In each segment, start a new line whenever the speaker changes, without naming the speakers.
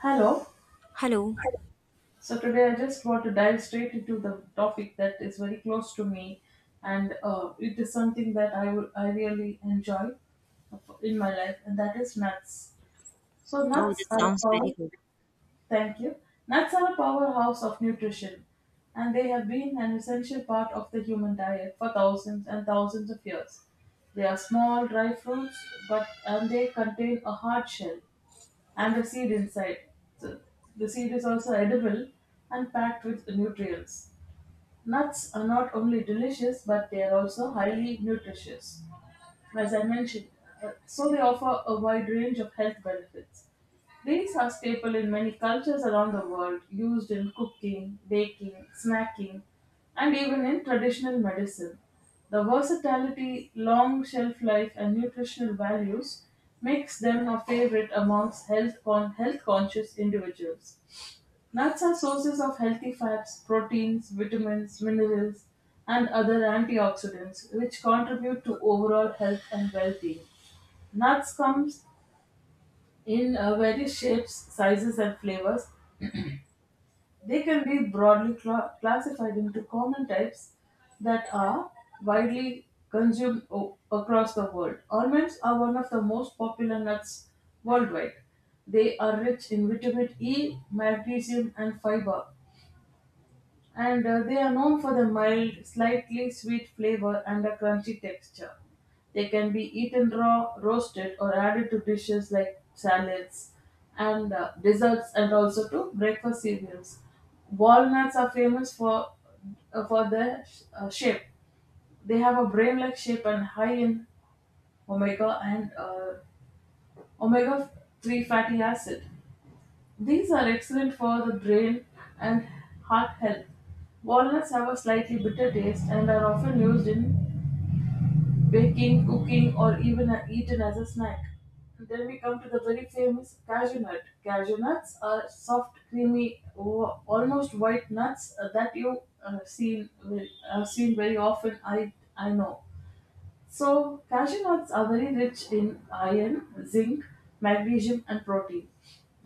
Hello.
Hello.
So today I just want to dive straight into the topic that is very close to me, and it is something that I really enjoy in my life, and that is nuts. So
Oh,
nuts
that
are a
sounds very
power.
good.
Thank you. Nuts are a powerhouse of nutrition, and they have been an essential part of the human diet for thousands and thousands of years. They are small dry fruits, but and they contain a hard shell and the seed inside. So the seed is also edible and packed with nutrients. Nuts are not only delicious but they are also highly nutritious as I mentioned. So, they offer a wide range of health benefits. These are staple in many cultures around the world, used in cooking, baking, snacking, and even in traditional medicine. The versatility, long shelf life, and nutritional values makes them a favorite amongst health conscious individuals. Nuts are sources of healthy fats, proteins, vitamins, minerals, and other antioxidants which contribute to overall health and well-being. Nuts comes in various shapes, sizes, and flavors. They can be broadly classified into common types that are widely consumed across the world. Almonds are one of the most popular nuts worldwide. They are rich in vitamin E, magnesium, and fiber, and they are known for the mild, slightly sweet flavor and a crunchy texture. They can be eaten raw, roasted, or added to dishes like salads and desserts, and also to breakfast cereals. Walnuts are famous for their shape. They have a brain-like shape and high in omega and uh, omega three fatty acid. These are excellent for the brain and heart health. Walnuts have a slightly bitter taste and are often used in baking, cooking, or even eaten as a snack. Then we come to the very famous cashew nut. Cashew nuts are soft, creamy, almost white nuts that you seen have seen very often. I know. So, cashew nuts are very rich in iron, zinc, magnesium, and protein.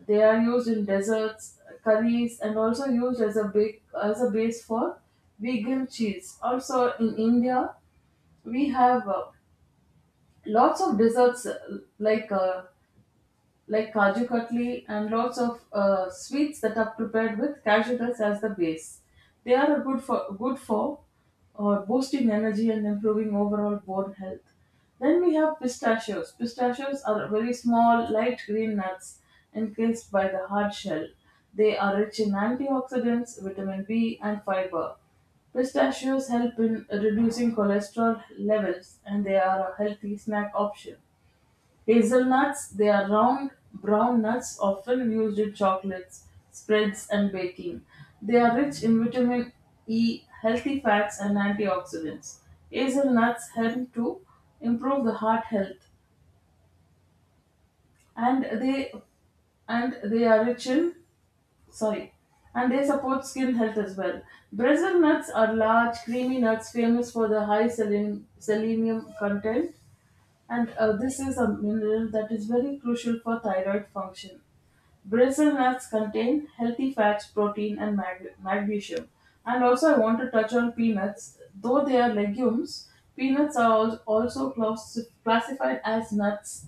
They are used in desserts, curries, and also used as a big, as a base for vegan cheese. Also, in India, we have lots of desserts like kaju katli and lots of sweets that are prepared with cashew nuts as the base. They are good for boosting energy and improving overall bone health. Then we have pistachios. Pistachios are very small, light green nuts encased by the hard shell. They are rich in antioxidants, vitamin B, and fiber. Pistachios help in reducing cholesterol levels and they are a healthy snack option. Hazelnuts: they are round, brown nuts often used in chocolates, spreads, and baking. They are rich in vitamin E, healthy fats, and antioxidants. Hazelnuts help to improve the heart health, and they and they are rich in sorry, and they support skin health as well. Brazil nuts are large, creamy nuts famous for the high selenium content and this is a mineral that is very crucial for thyroid function. Brazil nuts contain healthy fats, protein, and magnesium. And also, I want to touch on peanuts. Though they are legumes, peanuts are also classified as nuts.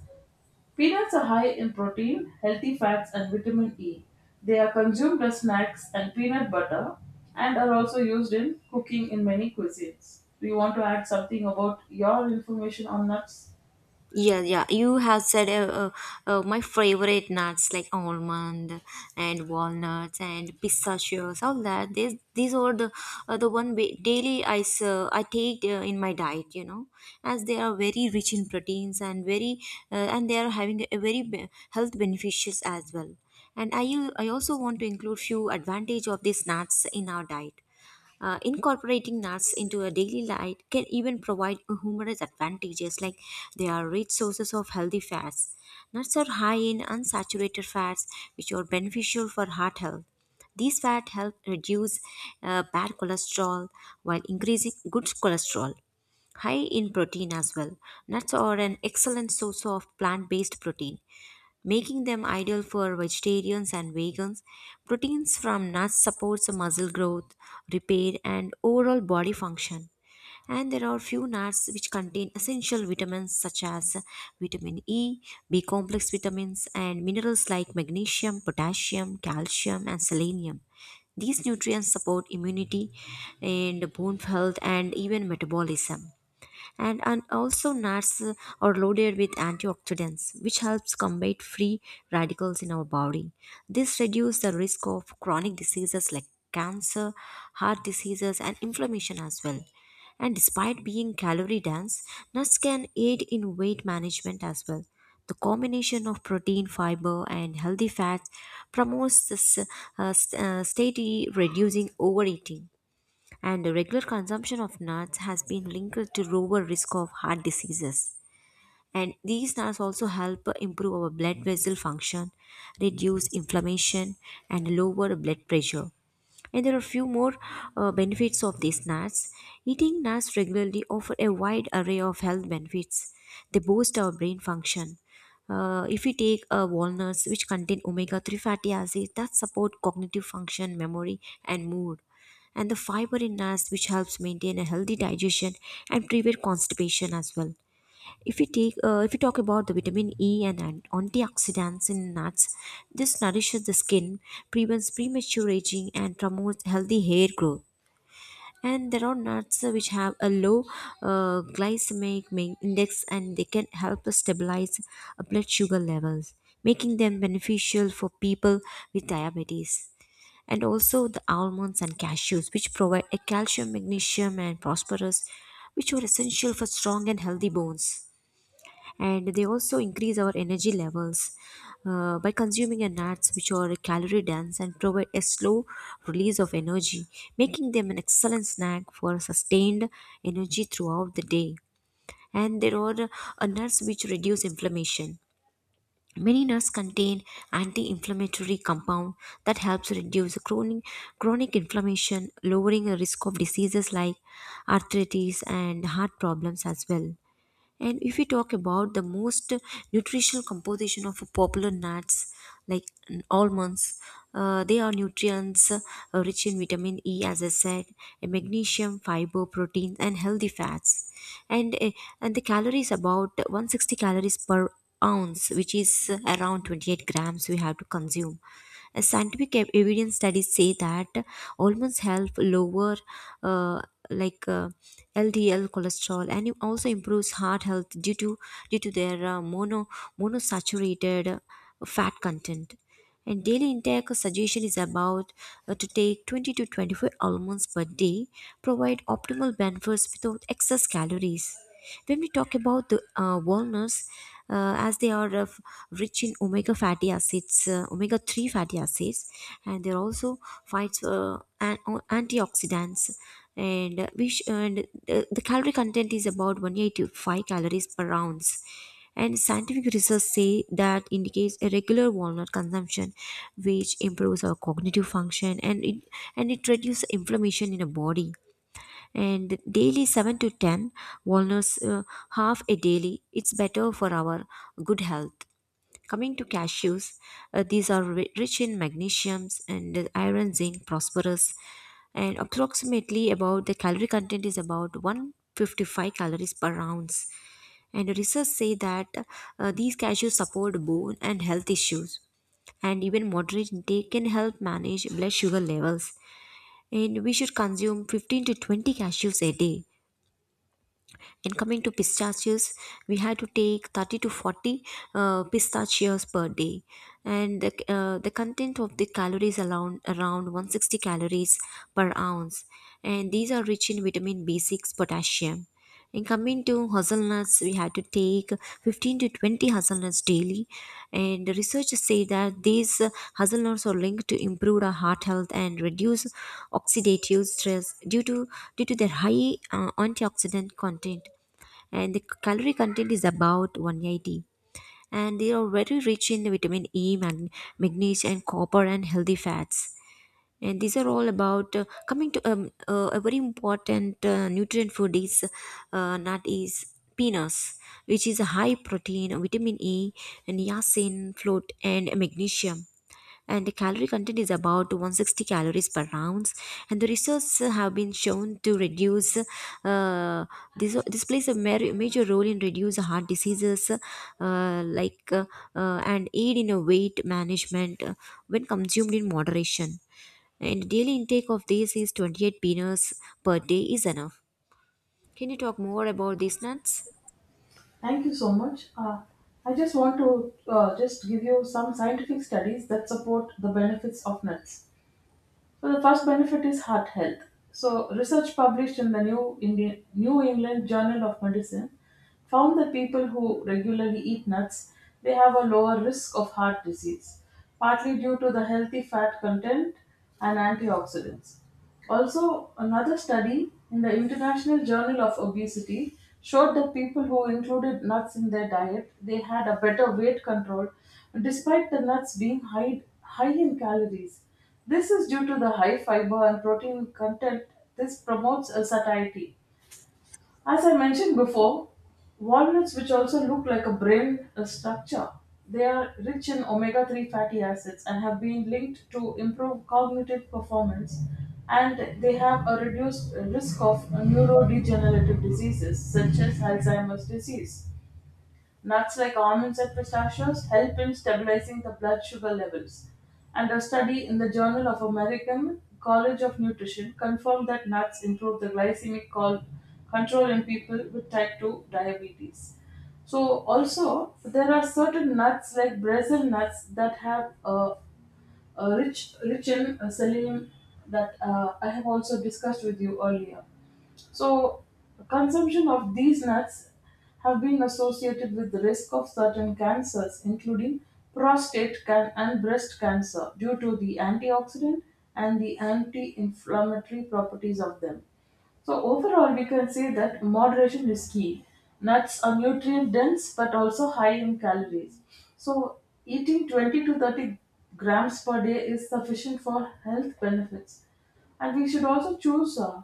Peanuts are high in protein, healthy fats, and vitamin E. They are consumed as snacks and peanut butter and are also used in cooking in many cuisines. Do you want to add something about your information on nuts?
Yeah, yeah. You have said my favorite nuts like almond and walnuts and pistachios, all that. These are the one daily I I take in my diet, you know, as they are very rich in proteins and very and they are having a very health beneficials as well. And I also want to include few advantage of these nuts in our diet. Incorporating nuts into a daily life can even provide humorous advantages, like they are rich sources of healthy fats. Nuts are high in unsaturated fats, which are beneficial for heart health. These fats help reduce bad cholesterol while increasing good cholesterol, high in protein as well. Nuts are an excellent source of plant based protein, making them ideal for vegetarians and vegans. Proteins from nuts supports muscle growth, repair, and overall body function. And there are few nuts which contain essential vitamins such as vitamin E, B complex vitamins, and minerals like magnesium, potassium, calcium, and selenium. These nutrients support immunity and bone health and even metabolism. And also nuts are loaded with antioxidants which helps combat free radicals in our body. This reduces the risk of chronic diseases like cancer, heart diseases, and inflammation as well. And despite being calorie dense, nuts can aid in weight management as well. The combination of protein, fiber, and healthy fats promotes this steady reducing overeating. And the regular consumption of nuts has been linked to lower risk of heart diseases, and these nuts also help improve our blood vessel function, reduce inflammation, and lower blood pressure. And there are a few more benefits of these nuts. Eating nuts regularly offer a wide array of health benefits. They boost our brain function. If we take walnuts, which contain omega-3 fatty acids that support cognitive function, memory, and mood, and the fiber in nuts, which helps maintain a healthy digestion and prevent constipation as well. If we take, if we talk about the vitamin E and antioxidants in nuts, this nourishes the skin, prevents premature aging, and promotes healthy hair growth. And there are nuts which have a low glycemic index, and they can help us stabilize blood sugar levels, making them beneficial for people with diabetes. And also the almonds and cashews, which provide a calcium, magnesium, and phosphorus, which are essential for strong and healthy bones. And they also increase our energy levels by consuming a nuts which are calorie dense and provide a slow release of energy, making them an excellent snack for sustained energy throughout the day. And there are nuts which reduce inflammation. Many nuts contain anti-inflammatory compound that helps reduce chronic inflammation, lowering the risk of diseases like arthritis and heart problems as well. And if we talk about the most nutritional composition of popular nuts like almonds, they are nutrients rich in vitamin E, as I said, and magnesium, fiber, protein, and healthy fats. And, uh, and the calories about 160 calories per ounce, which is around 28 grams we have to consume. Scientific evidence studies say that almonds help lower uh, like uh, LDL cholesterol, and it also improves heart health due to their monosaturated fat content. And daily intake suggestion is about to take 20 to 24 almonds per day, provide optimal benefits without excess calories. When we talk about the walnuts, as they are rich in omega fatty acids, omega 3 fatty acids, and they're also fights antioxidants. And, we sh- and The calorie content is about 185 calories per ounce. And scientific research say that indicates a regular walnut consumption, which improves our cognitive function, and it reduces inflammation in the body. And daily 7 to 10 walnuts half a daily, it's better for our good health. Coming to cashews, these are rich in magnesiums and iron, zinc, phosphorus, and approximately about the calorie content is about 155 calories per ounce. And research say that these cashews support bone and health issues, and even moderate intake can help manage blood sugar levels. And we should consume 15 to 20 cashews a day. And coming to pistachios, we had to take 30 to 40 pistachios per day. And the content of the calories around, around 160 calories per ounce. And these are rich in vitamin B6, potassium. And coming to hazelnuts, we had to take 15 to 20 hazelnuts daily. And researchers say that these hazelnuts are linked to improve our heart health and reduce oxidative stress due to due to their high antioxidant content. And the calorie content is about 180, and they are very rich in vitamin E, magnesium, and copper, and healthy fats. And these are all about coming to a very important nutrient food is nut is peanuts, which is a high protein, vitamin E, niacin float, and magnesium. And the calorie content is about 160 calories per ounce. And the research have been shown to reduce uh, this plays a major role in reduce heart diseases and aid in a weight management when consumed in moderation. And daily intake of these is 28 peanuts per day is enough. Can you talk more about these nuts?
Thank you so much. I just want to just give you some scientific studies that support the benefits of nuts. So the first benefit is heart health. So research published in the New England Journal of Medicine found that people who regularly eat nuts they have a lower risk of heart disease, partly due to the healthy fat content and antioxidants. Also, another study in the International Journal of Obesity showed that people who included nuts in their diet, they had a better weight control despite the nuts being high in calories. This is due to the high fiber and protein content. This promotes a satiety. As I mentioned before, walnuts, which also look like a brain structure, they are rich in omega 3 fatty acids and have been linked to improve cognitive performance, and they have a reduced risk of neurodegenerative diseases such as Alzheimer's disease. Nuts like almonds and pistachios help in stabilizing the blood sugar levels. And a study in the Journal of American College of Nutrition confirmed that nuts improve the control in people with type 2 diabetes. So, also, there are certain nuts like Brazil nuts that have rich in selenium that I have also discussed with you earlier. So, consumption of these nuts have been associated with the risk of certain cancers, including and breast cancer, due to the antioxidant and the anti-inflammatory properties of them. So overall, we can say that moderation is key. Nuts are nutrient dense but also high in calories. So eating 20 to 30 grams per day is sufficient for health benefits. And we should also choose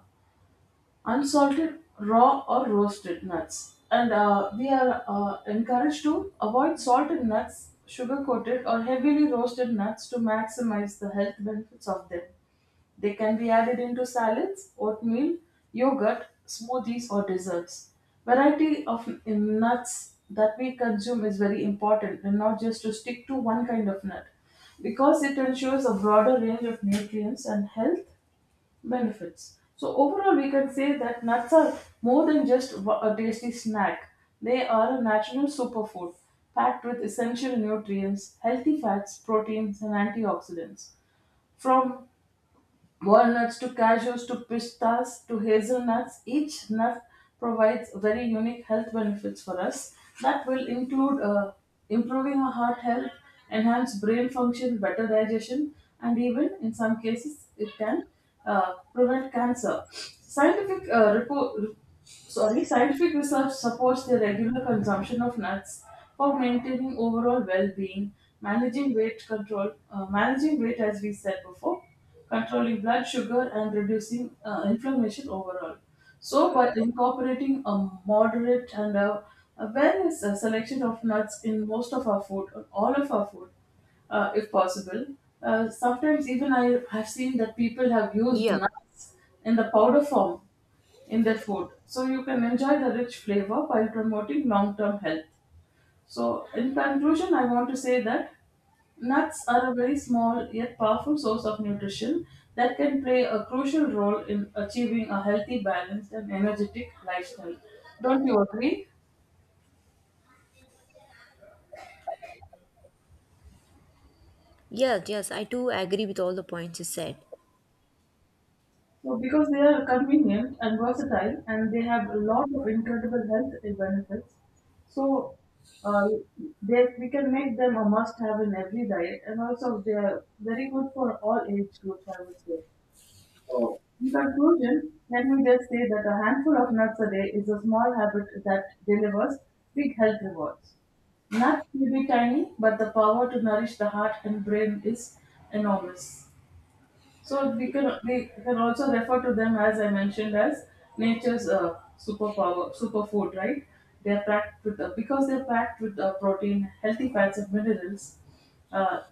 unsalted, raw, or roasted nuts. And we are encouraged to avoid salted nuts, sugar coated, or heavily roasted nuts to maximize the health benefits of them. They can be added into salads, oatmeal, yogurt, smoothies, or desserts. Variety of in nuts that we consume is very important and not just to stick to one kind of nut because it ensures a broader range of nutrients and health benefits. So overall, we can say that nuts are more than just a tasty snack. They are a natural superfood packed with essential nutrients, healthy fats, proteins, and antioxidants. From walnuts to cashews to pistas to hazelnuts. Each nut provides very unique health benefits for us that will include improving our heart health, enhance brain function, better digestion, and even in some cases it can prevent cancer. Scientific research supports the regular consumption of nuts for maintaining overall well-being, managing weight control, managing weight as we said before, controlling blood sugar and reducing inflammation overall. So, by incorporating a moderate and a awareness selection of nuts in most of our food, or all of our food, if possible, sometimes even I have seen that people have used
Yeah.
nuts in the powder form in their food. So, you can enjoy the rich flavor while promoting long term health. So, in conclusion, I want to say that nuts are a very small yet powerful source of nutrition that can play a crucial role in achieving a healthy, balanced, and energetic lifestyle. Don't you agree?
Yes, yes, I do agree with all the points you said.
So, because they are convenient and versatile and they have a lot of incredible health benefits, so uh, we can make them a must have in every diet, and also they are very good for all age groups, I would say. So, in conclusion, let me just say that a handful of nuts a day is a small habit that delivers big health rewards. Nuts may be tiny, but the power to nourish the heart and brain is enormous. So we can also refer to them as I mentioned as nature's superpower superfood, right? They are packed with protein, healthy fats, and minerals. Uh,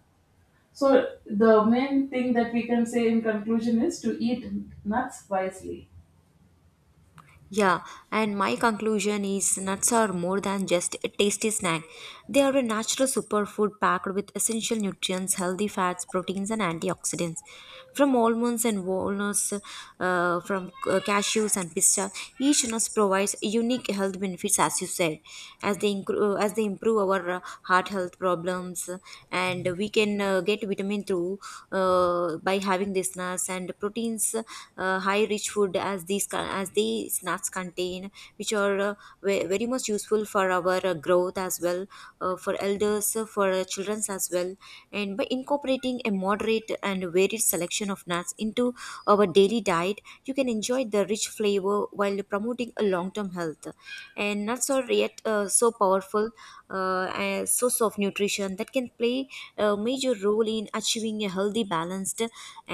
so the main thing that we can say in conclusion is to eat nuts wisely.
Yeah, and my conclusion is nuts are more than just a tasty snack. They are a natural superfood packed with essential nutrients, healthy fats, proteins, and antioxidants. From almonds and walnuts, from cashews and pistachio, each nut provides unique health benefits, as you said, as they as they improve our heart health problems. And we can get vitamin through by having these nuts, and proteins high rich food as these as these nuts contain, which are very much useful for our growth as well, for elders, for children as well. And by incorporating a moderate and varied selection of nuts into our daily diet, you can enjoy the rich flavor while promoting a long-term health. And nuts are yet so powerful a source of nutrition that can play a major role in achieving a healthy, balanced,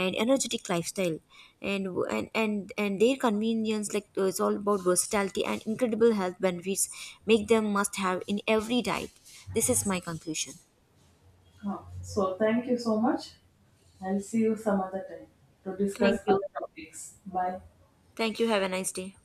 and energetic lifestyle. And and their convenience, like it's all about versatility and incredible health benefits, make them must have in every diet. This is my conclusion.
Huh. So thank you so much. I'll see you some other time to
Thank
discuss
you.
other topics. Bye.
Thank you, have a nice day.